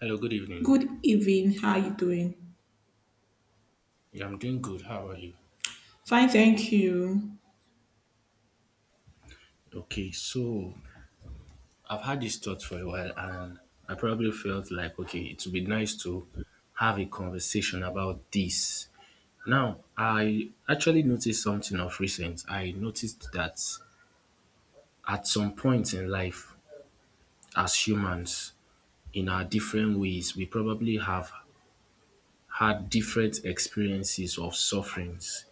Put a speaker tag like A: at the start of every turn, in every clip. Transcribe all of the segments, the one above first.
A: Hello, good evening.
B: Good evening. How are you doing?
A: Yeah, I'm doing good. How are you?
B: Fine, thank you.
A: Okay, so I've had this thought for a while and I probably felt like, okay, it would be nice to have a conversation about this. Now, I actually noticed something of recent. I noticed that at some point in life, as humans, in our different ways, we probably have had different experiences of sufferings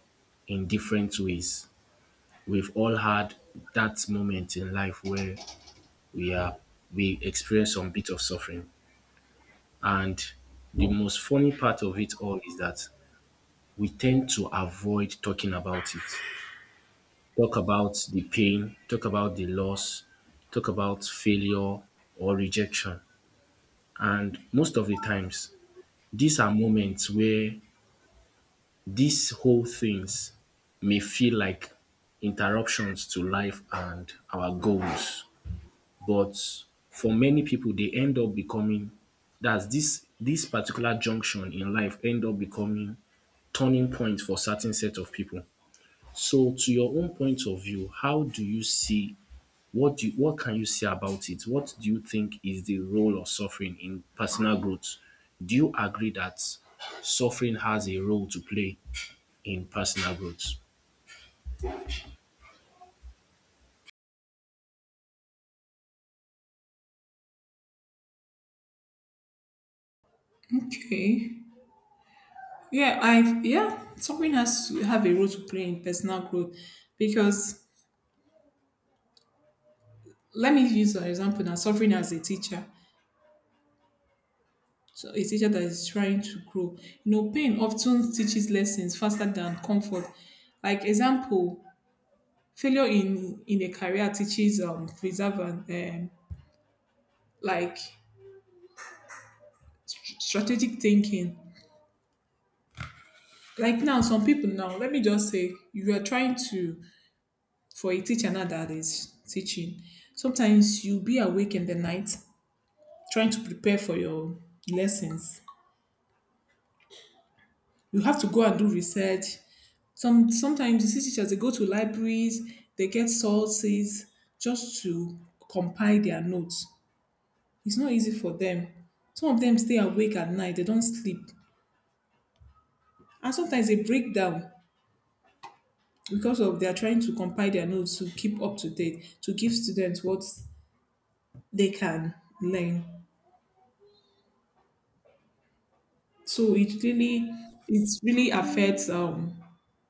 A: in different ways. We've all had that moment in life where we are we experience some bit of suffering. And the most funny part of it all is that we tend to avoid talking about it. Talk about the pain, talk about the loss, talk about failure or rejection. And most of the times, these are moments where these whole things may feel like interruptions to life and our goals. But for many people, they end up becoming that's this particular junction in life end up becoming turning point for certain set of people. So to your own point of view, how do you see what do you, what can you say about it? What do you think is the role of suffering in personal growth? Do you agree that suffering has a role to play in personal growth?
B: Okay. Yeah, suffering has to have a role to play in personal growth because let me use an example now. Suffering as a teacher, so a teacher that is trying to grow. You know, pain often teaches lessons faster than comfort. Like example, failure in a career teaches preserve and like strategic thinking. Like now, some people now, let me just say, you are trying to for a teacher now that is teaching, sometimes you'll be awake in the night trying to prepare for your lessons. You have to go and do research. Sometimes you see teachers they go to libraries, they get sources just to compile their notes. It's not easy for them. Some of them stay awake at night, they don't sleep. And sometimes they break down because of they are trying to compile their notes to keep up to date, to give students what they can learn. So it really affects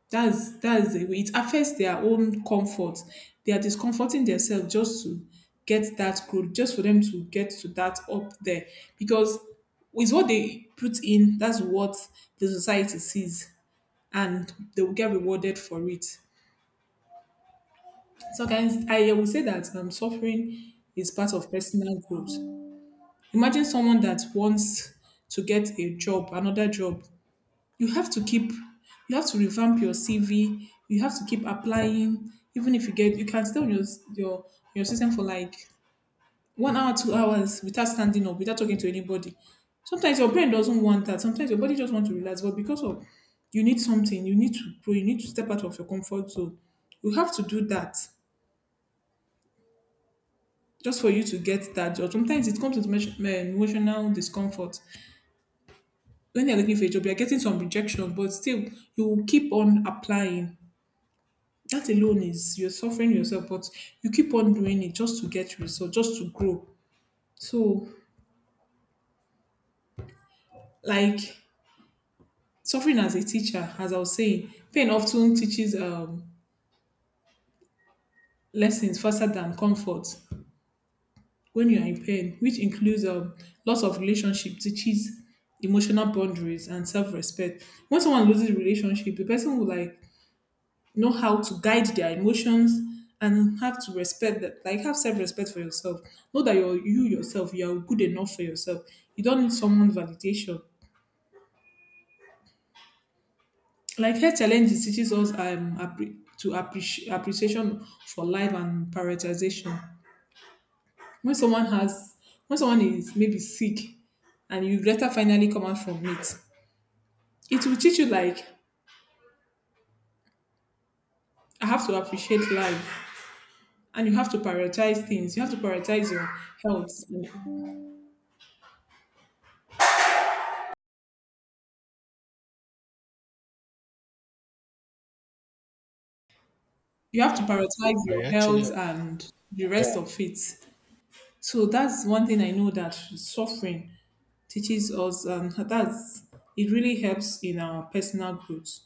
B: that's the way it affects their own comfort. They are discomforting themselves just to get that growth, just for them to get to that up there. Because with what they put in, that's what the society sees and they will get rewarded for it. So guys, I will say that suffering is part of personal growth. Imagine someone that wants to get a job, another job, you have to keep you have to revamp your cv, you have to keep applying. Even if you get, you can stay on your your your system for like 1 hour, 2 hours without standing up, without talking to anybody. Sometimes your brain doesn't want that, sometimes your body just want to relax, but because of you need something, you need to grow, you need to step out of your comfort zone, you have to do that just for you to get that job. Sometimes it comes with emotional discomfort. When you're looking for a job, you're getting some rejection, but still you will keep on applying. That alone is you're suffering yourself, but you keep on doing it just to get results, just to grow. So, like, suffering as a teacher, as I was saying, pain often teaches lessons faster than comfort. When you are in pain, which includes loss of relationship, teaches emotional boundaries and self-respect. When someone loses relationship, the person will, like, know how to guide their emotions and have to respect that, like have self-respect for yourself, know that you're you yourself, you're good enough for yourself, you don't need someone validation. Like health challenges teaches us to appreciation for life and prioritization. When someone has, when someone is maybe sick and you later finally come out from it, it will teach you, like, I have to appreciate life and you have to prioritize things. You have to prioritize your health,
A: I actually,
B: and the
A: yeah,
B: rest of it. So that's one thing I know that suffering teaches us, and that's it really helps in our personal growth.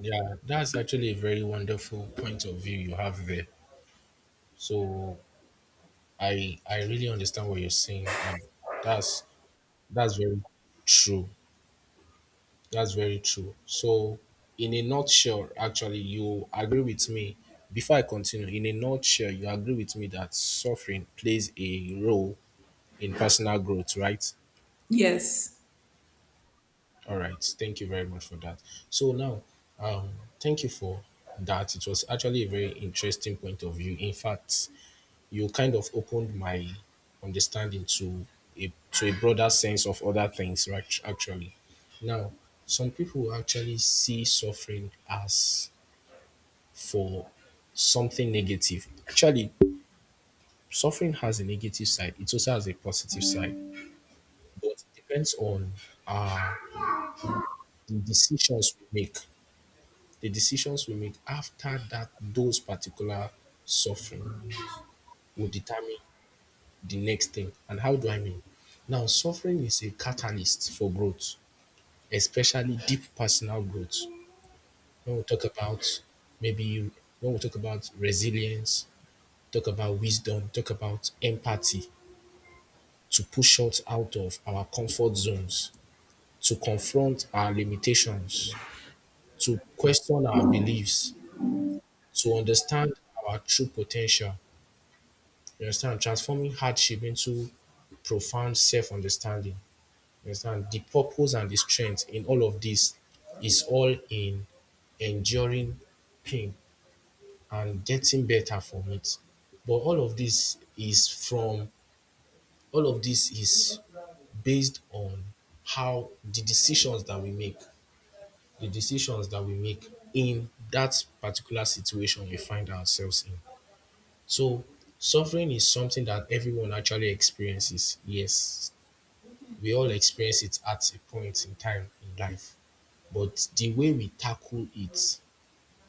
A: yeah, that's actually a very wonderful point of view you have there. So I really understand what you're saying, and that's that's very true. That's very true. So, in a nutshell, actually, you agree with me. Before I continue, in a nutshell, you agree with me that suffering plays a role in personal growth, right?
B: Yes,
A: All right. Thank you very much for that. So now, um, thank you for that. It was actually a very interesting point of view. In fact, you kind of opened my understanding to a broader sense of other things, right? Actually, now some people actually see suffering as for something negative. Actually, suffering has a negative side, it also has a positive side, but it depends on the decisions we make. The decisions we make after that, those particular suffering will determine the next thing. And how do I mean? Now, suffering is a catalyst for growth, especially deep personal growth. When we talk about maybe when we talk about resilience, talk about wisdom, talk about empathy, to push us out of our comfort zones, to confront our limitations, to question our beliefs, to understand our true potential. You understand? Transforming hardship into profound self understanding. You understand? The purpose and the strength in all of this is all in enduring pain and getting better from it. But all of this is based on how the decisions that we make, the decisions that we make in that particular situation we find ourselves in. So suffering is something that everyone actually experiences. Yes, we all experience it at a point in time in life. But the way we tackle it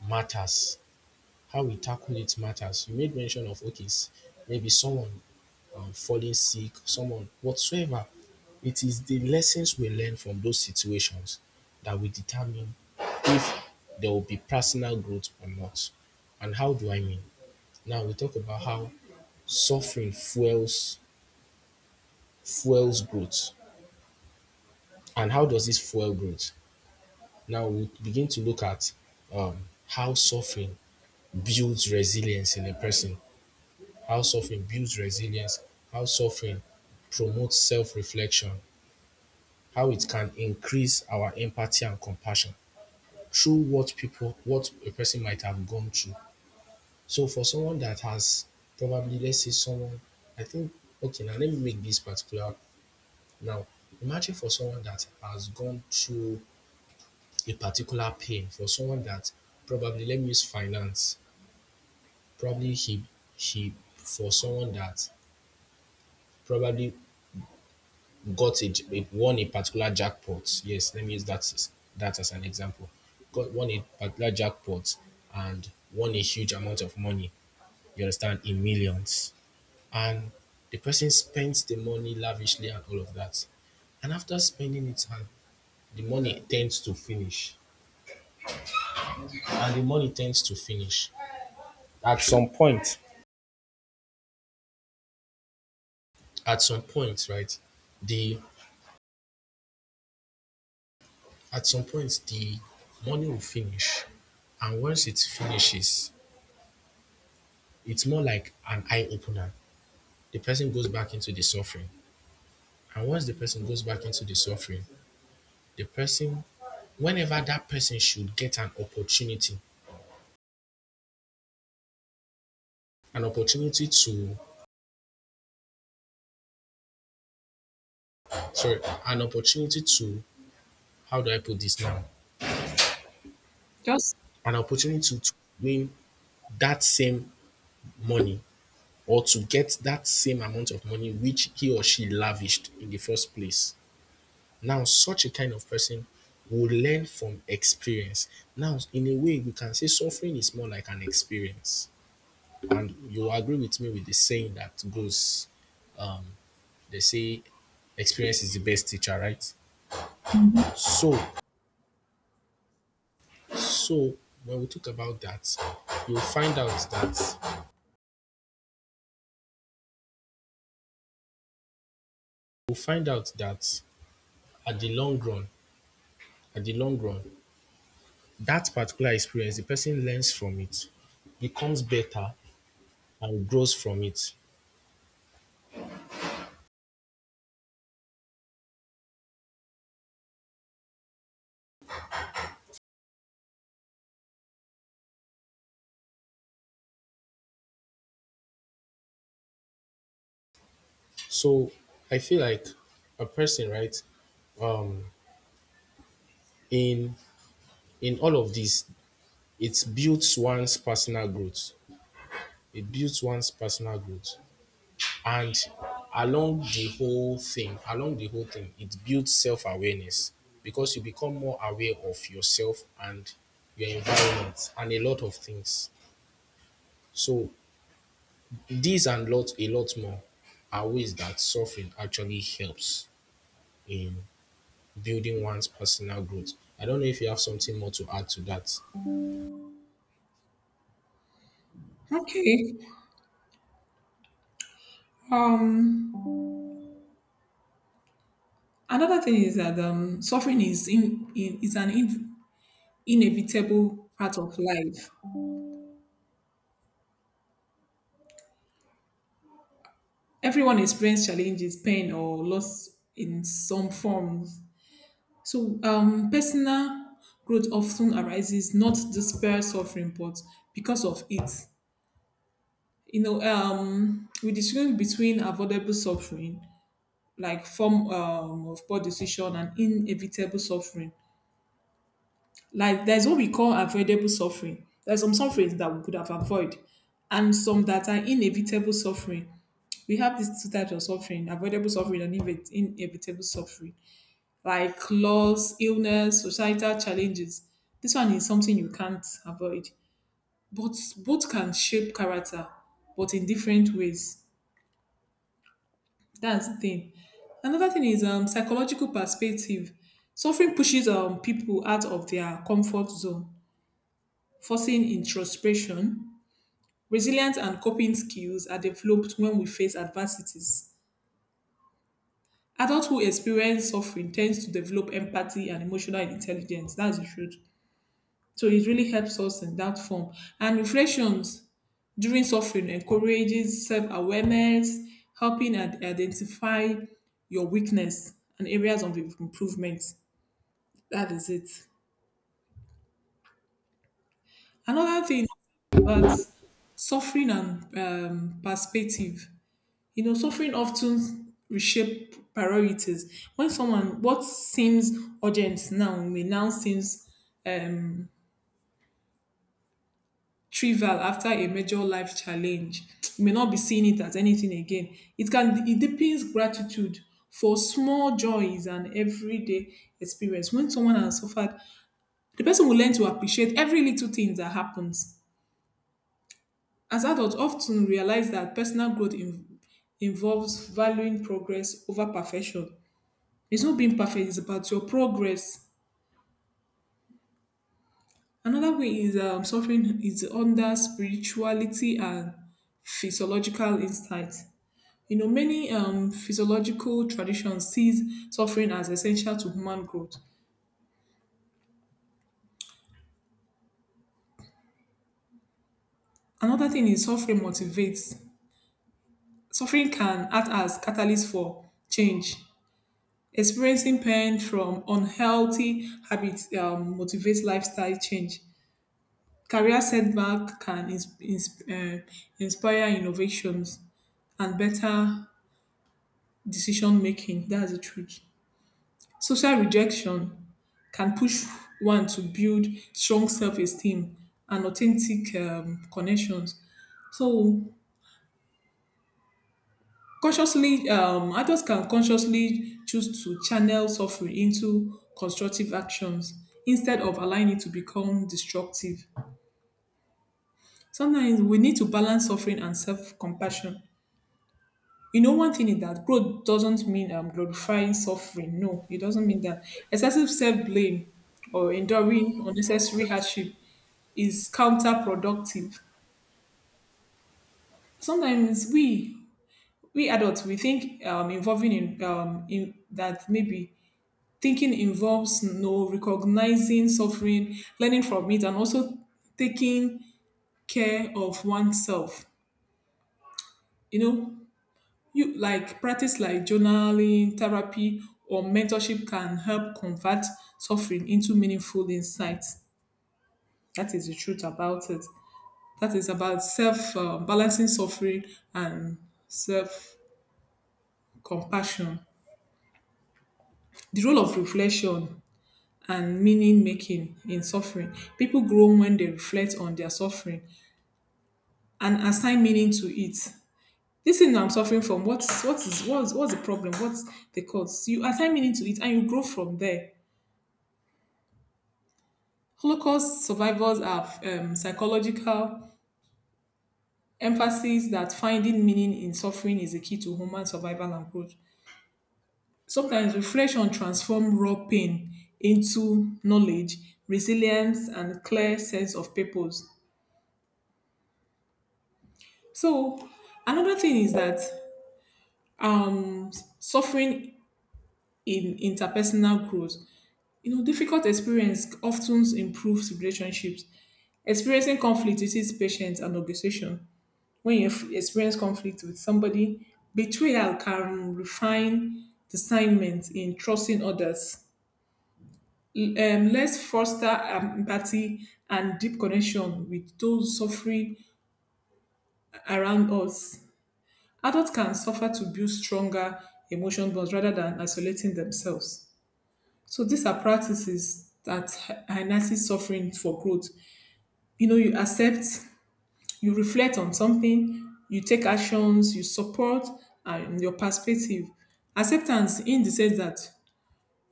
A: matters. How we tackle it matters. You made mention of, okay, maybe someone falling sick, someone whatsoever. It is the lessons we learn from those situations that will determine if there will be personal growth or not. And how do I mean? Now we talk about how suffering fuels growth. And how does this fuel growth? Now we begin to look at um, how suffering builds resilience in a person, how suffering builds resilience, how suffering promotes self reflection, how it can increase our empathy and compassion through what a person might have gone through. So for someone that has probably, let's say someone, I think, okay, now let me make this particular. Now, imagine for someone that has gone through a particular pain, for someone that probably, let me use finance, probably he, he, for someone that probably got it? It won a particular jackpot. Yes, let me use that as an example. Got won a particular jackpot and won a huge amount of money. You understand, in millions, and the person spends the money lavishly and all of that. And after spending it, and the money tends to finish, and the money tends to finish at some point. At some point, right? The At some point the money will finish, and once it finishes, it's more like an eye opener. The person goes back into the suffering. And once the person goes back into the suffering, the person, whenever that person should get an opportunity to, sorry, an opportunity to, how do I put this now?
B: just
A: An opportunity to win that same money or to get that same amount of money which he or she lavished in the first place. Now, such a kind of person will learn from experience. Now, in a way, we can say suffering is more like an experience. And you agree with me with the saying that goes, um, they say experience is the best teacher, right? So, so, when we talk about that, you'll find out that you'll find out that at the long run, at the long run, that particular experience, the person learns from it, becomes better, and grows from it. So I feel like a person, right? Um, in in all of this, it builds one's personal growth. It builds one's personal growth, and along the whole thing it builds self-awareness, because you become more aware of yourself and your environment and a lot of things. So these, and lot a lot more, are ways that suffering actually helps in building one's personal growth. I don't know if you have something more to add to that.
B: okay. Um, another thing is that suffering is in is an in, inevitable part of life. Everyone experiences challenges, pain, or loss in some form. So, personal growth often arises not despair suffering, but because of it. You know, we distinguish between avoidable suffering, like form of poor decision, and inevitable suffering. Like there's what we call avoidable suffering. There's some sufferings that we could have avoided, and some that are inevitable suffering. We have these two types of suffering: avoidable suffering and inevitable suffering. Like loss, illness, societal challenges. This one is something you can't avoid. But both can shape character, but in different ways. That's the thing. Another thing is psychological perspective. Suffering pushes people out of their comfort zone, forcing introspection. Resilience and coping skills are developed when we face adversities. Adults who experience suffering tend to develop empathy and emotional intelligence. That's the truth. So it really helps us in that form. And reflections during suffering encourages self-awareness, helping and identify your weakness and areas of improvement. That is it. Another thing about suffering and perspective. You know, suffering often reshape priorities. When someone what seems urgent now may now seems um, trivial after a major life challenge. You may not be seeing it as anything again. It deepens gratitude for small joys and everyday experience. When someone has suffered, the person will learn to appreciate every little thing that happens. As adults, often realize that personal growth involves valuing progress over perfection. It's not being perfect; it's about your progress. Another way is suffering is under spirituality and physiological insight. You know, many physiological traditions sees suffering as essential to human growth. Another thing is suffering motivates. Suffering can act as catalyst for change. Experiencing pain from unhealthy habits motivates lifestyle change. Career setback can inspire innovations and better decision making. That's the truth. Social rejection can push one to build strong self-esteem and authentic connections. So consciously, adults can consciously choose to channel suffering into constructive actions instead of allowing it to become destructive. Sometimes we need to balance suffering and self-compassion. You know, one thing is that growth doesn't mean glorifying suffering. No, it doesn't mean that. Excessive self-blame or enduring unnecessary hardship is counterproductive. Sometimes we adults we think involving in that, maybe thinking involves no recognizing suffering, learning from it, and also taking care of oneself. You know, you like practice like journaling, therapy, or mentorship can help convert suffering into meaningful insights. That is the truth about it. That is about self, balancing suffering and self compassion. The role of reflection and meaning making in suffering. People grow when they reflect on their suffering and assign meaning to it. This thing I'm suffering from, what's the problem? What's the cause? You assign meaning to it and you grow from there. Holocaust survivors have psychological emphasis that finding meaning in suffering is the key to human survival and growth. Sometimes reflection transforms raw pain into knowledge, resilience, and clear sense of purpose. So another thing is that um, suffering in interpersonal growth, you know, difficult experience often improves relationships. Experiencing conflict teaches patience and negotiation. When you experience conflict with somebody, betrayal can refine discernment in trusting others. Let's foster empathy and deep connection with those suffering around us. Adults can suffer to build stronger emotion bonds rather than isolating themselves. So these are practices that harnesses suffering for growth. You know, you accept, you reflect on something, you take actions, you support and your perspective. Acceptance in the sense that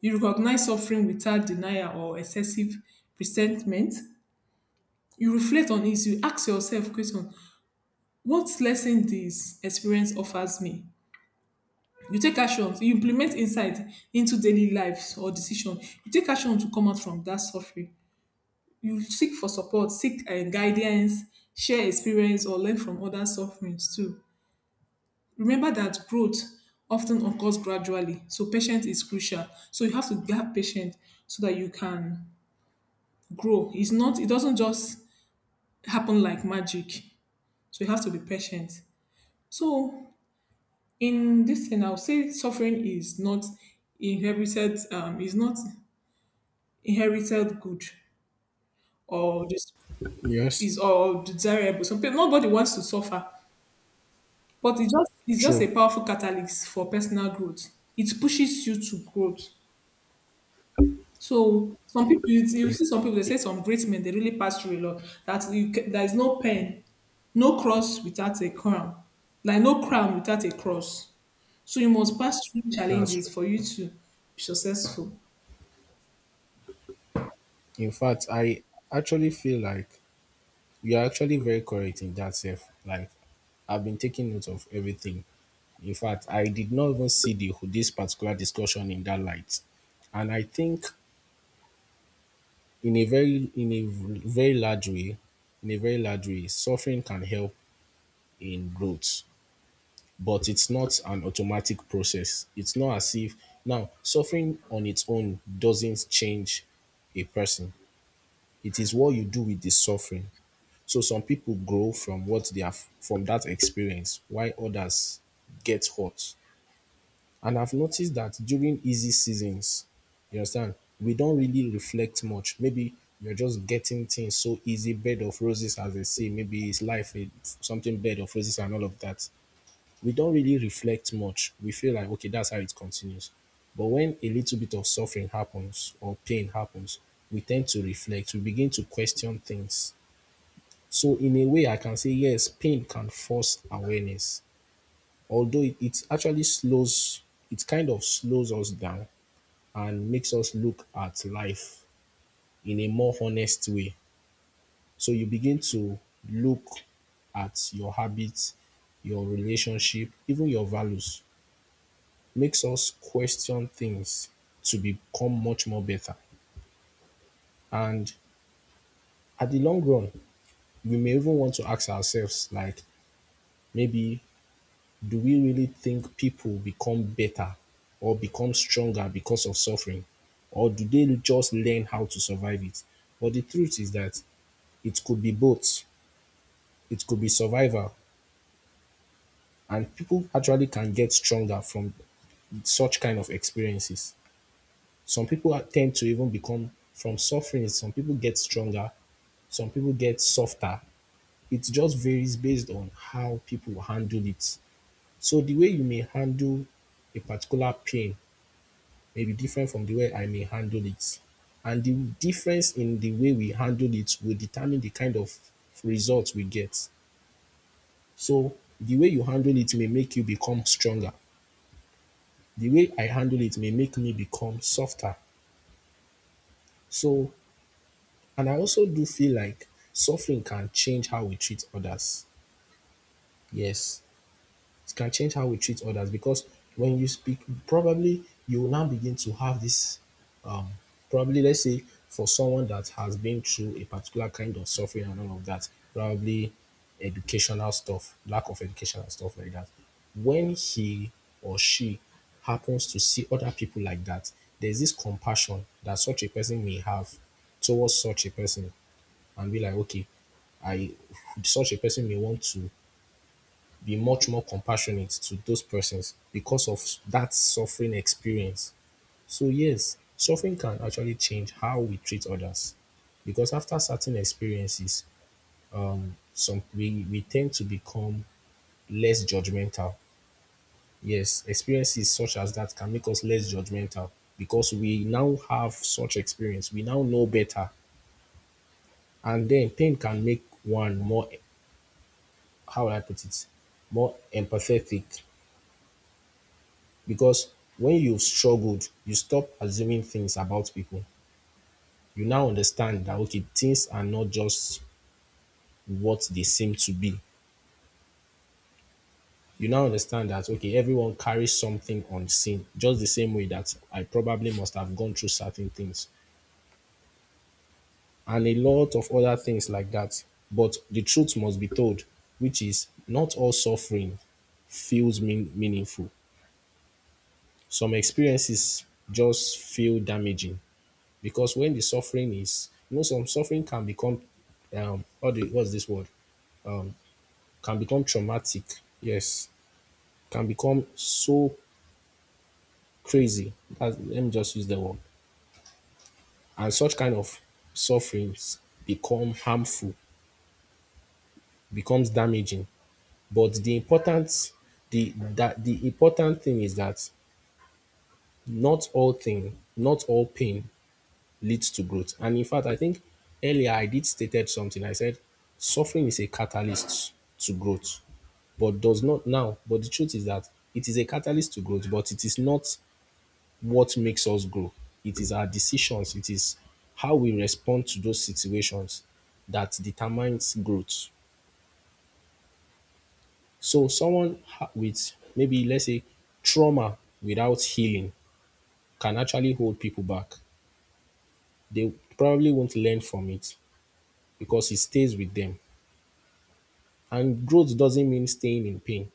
B: you recognize suffering without denial or excessive resentment. You reflect on it, you ask yourself question, what lesson this experience offers me? You take actions, you implement insight into daily lives or decision. You take action to come out from that suffering. You seek for support, seek guidance, share experience, or learn from other sufferings too. Remember that growth often occurs gradually, so patience is crucial. So you have to have patience so that you can grow. It's not, it doesn't just happen like magic. So you have to be patient. So in this thing, I'll say suffering is not inherited, good or just is
A: Yes,
B: or desirable. Some people, nobody wants to suffer, but it's just a
A: true.
B: powerful catalyst for personal growth. It pushes you to growth. So some people, you
A: In,
B: see some people they say some great men they really pass through a lot. There is no pen, no cross without a crown, like no crown without a cross. So you must pass through
A: that's true.
B: challenges for you to be successful.
A: In fact, I actually feel like you're actually very correct in that self. Like, I've been taking note of everything. In fact, I did not even see the this particular discussion in that light. And I think in a very in a very large way, in a very large way, suffering can help in growth, but it's not an automatic process. It's not as if now suffering on its own doesn't change a person. It is what you do with the suffering. So some people grow from what they have from that experience, while others get hurt. And I've noticed that during easy seasons, you understand, we don't really reflect much. Maybe you're just getting things so easy, bed of roses, as they say. Maybe it's life, something bed of roses, and all of that. We don't really reflect much. We feel like, okay, that's how it continues. But when a little bit of suffering happens or pain happens, we tend to reflect, we begin to question things. So in a way, I can say yes, pain can force awareness, although it actually slows, it kind of slows us down and makes us look at life in a more honest way. So you begin to look at your habits, your relationship, even your values, makes us question things to become much more better. And at the long run, we may even want to ask ourselves, like, maybe do we really think people become better or become stronger because of suffering? Or do they just learn how to survive it? But the truth is that it could be both. It could be survival, and people actually can get stronger from such kind of experiences. Some tend to even become from suffering, some people get stronger, some people get softer. It just varies based on how people handle it. So the way you may handle a particular pain may be different from the way I may handle it. And the difference in the way we handle it will determine the kind of results we get. So the way you handle it may make you become stronger. The way I handle it may make me become softer. So, and I also do feel like suffering can change how we treat others. Yes, it can change how we treat others because when you speak, probably you will now begin to have this Probably, let's say, for someone that has been through a particular kind of suffering and all of that, probably educational stuff, lack of education and stuff like that. When he or she happens to see other people like that, there's this compassion that such a person may have towards such a person, and be like, okay, I such a person may want to be much more compassionate to those persons because of that suffering experience. So yes, suffering can actually change how we treat others because after certain experiences, we tend to become less judgmental. Yes, experiences such as that can make us less judgmental because we now have such experience. We now know better. And then pain can make one more, how will I put it, more empathetic, because when you've struggled, you stop assuming things about people. You now understand that, okay, things are not just what they seem to be. You now understand that, okay, everyone carries something unseen, just the same way that I probably must have gone through certain things and a lot of other things like that. But the truth must be told, which is not all suffering feels meaningful. Some experiences just feel damaging because when the suffering is, you know, some suffering can become, what's this word? Can become traumatic. Yes, can become so crazy. Let me just use the word. And such kind of sufferings become harmful, becomes damaging. But the the important thing is that not all pain leads to growth. And in fact, I think earlier I did stated something. I said suffering is a catalyst to growth, but does not now. But the truth is that it is a catalyst to growth, but it is not what makes us grow. It is our decisions, it is how we respond to those situations that determines growth. So with maybe let's say trauma without healing can actually hold people back. They probably won't learn from it because it stays with them. And growth doesn't mean staying in pain.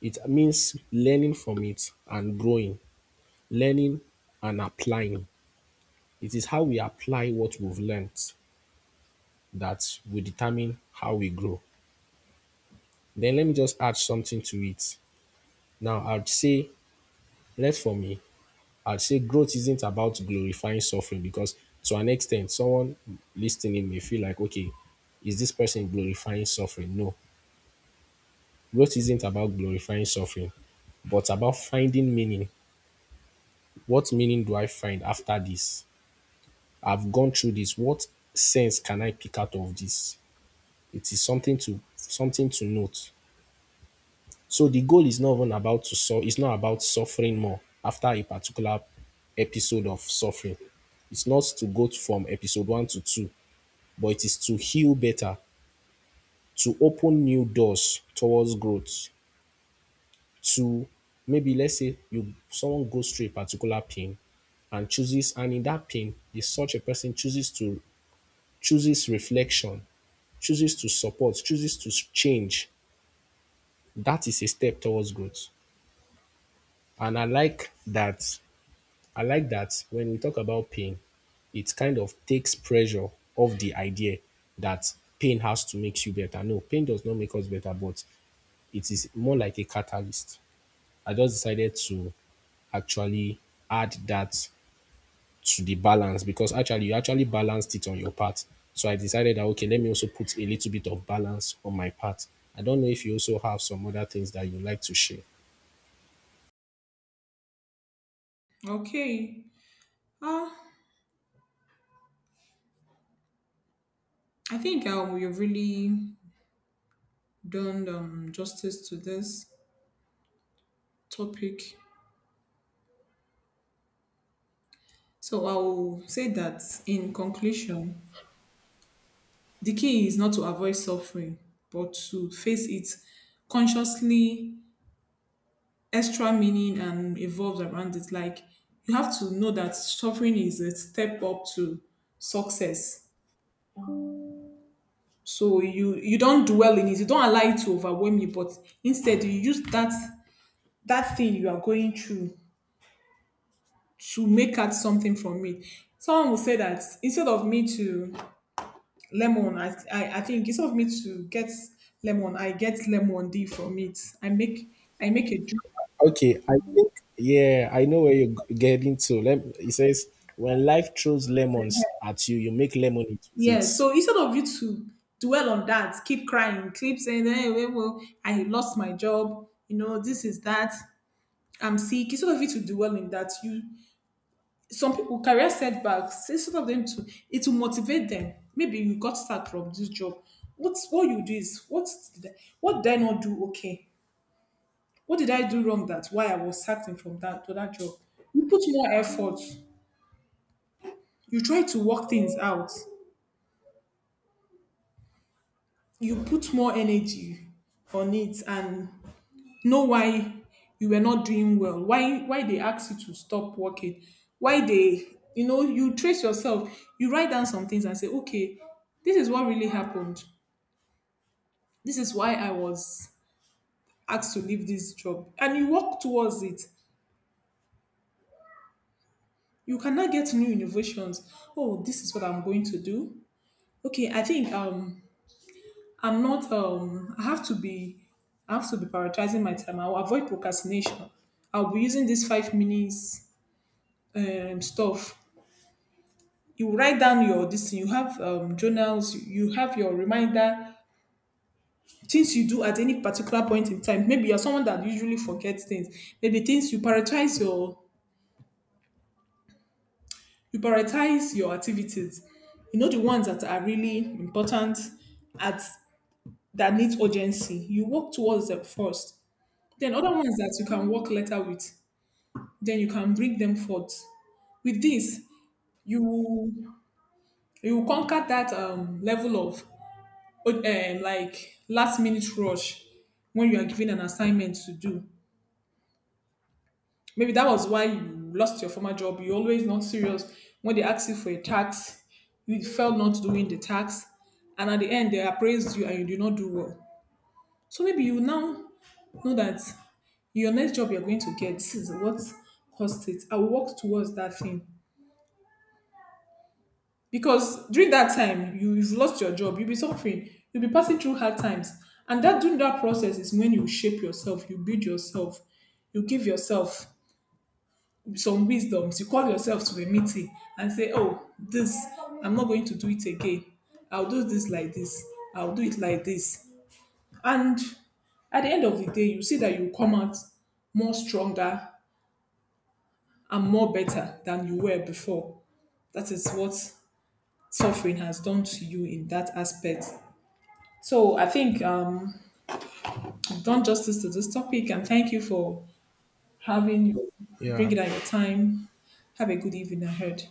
A: It means learning from it and growing, learning and applying. It is how we apply what we've learned that will determine how we grow. Then let me just add something to it. Now, I'd say, left for me, I'd say growth isn't about glorifying suffering because to an extent, someone listening may feel like, okay, is this person glorifying suffering? No, growth isn't about glorifying suffering, but about finding meaning. What meaning do I find after this? I've gone through this. What sense can I pick out of this? It is something to note. So the goal is not even about to so it's not about suffering more after a particular episode of suffering. It's not to go from episode one to two, but it is to heal better, to open new doors towards growth, to maybe let's say you someone goes through a particular pain, and chooses, and in that pain is such a person chooses reflection, chooses to support, chooses to change, that is a step towards growth. And I like that when we talk about pain, it kind of takes pressure off the idea that pain has to make you better. No, pain does not make us better, but it is more like a catalyst. I just decided to actually add that to the balance because actually you actually balanced it on your part. So I decided that okay, let me also put a little bit of balance on my part. I don't know if you also have some other things that you like to share.
B: Okay. Ah, I think you've really done justice to this topic. So I will say that in conclusion, the key is not to avoid suffering, but to face it consciously, extra meaning, and evolve around it. Like you have to know that suffering is a step up to success. So you don't dwell in it, you don't allow it to overwhelm you, but instead you use that thing you are going through to make out something from it. Someone will say that instead of me to lemon, I think instead of me to get lemon, I get lemon from it. I make a drink.
A: Okay, I think yeah, I know where you're getting to. It says, when life throws lemons at you, you make lemonade with it.
B: Yeah. So instead of you to dwell on that, keep crying, keep saying, hey, well, I lost my job, you know, this is that, I'm sick. Instead of you to dwell in that, you some people career setbacks say some of them too. It will motivate them. Maybe you got sacked from this job. What you do is did I, what did I not do? Okay, what did I do wrong that why I was sacked in from that to that job? You put more effort, you try to work things out, you put more energy on it, and know why you were not doing well, why they asked you to stop working, why they, you know, you trace yourself, you write down some things and say, okay, this is what really happened, this is why I was asked to leave this job, and you walk towards it. You cannot get new innovations. Oh, this is what I'm going to do. Okay, I think I'm not I have to be prioritizing my time. I'll avoid procrastination. I'll be using this 5 minutes stuff. You write down your this thing, you have journals, you have your reminder, things you do at any particular point in time. Maybe you're someone that usually forgets things. Maybe things you prioritize your activities. You know the ones that are really important at that needs urgency, you work towards them first. Then other ones that you can work later with, then you can bring them forth. With this, you you conquer that level of like last minute rush when you are given an assignment to do. Maybe that was why you lost your former job. You're always not serious. When they ask you for a tax, you felt not doing the tax. And at the end, they appraised you and you did not do well. So maybe you now know that your next job you're going to get, this is what caused it. I will work towards that thing. Because during that time, you've lost your job, you'll be suffering, you'll be passing through hard times, and that during that process is when you shape yourself, you build yourself, you give yourself some wisdoms, you call yourself to a meeting and say, oh, this I'm not going to do it again. I'll do this like this, I'll do it like this, and at the end of the day, you see that you come out more stronger and more better than you were before. That is what suffering has done to you in that aspect. So I think I've done justice to this topic, and thank you for having your
A: Yeah,
B: bringing out your time. Have a good evening ahead.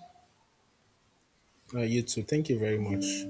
A: you too. Thank you very much.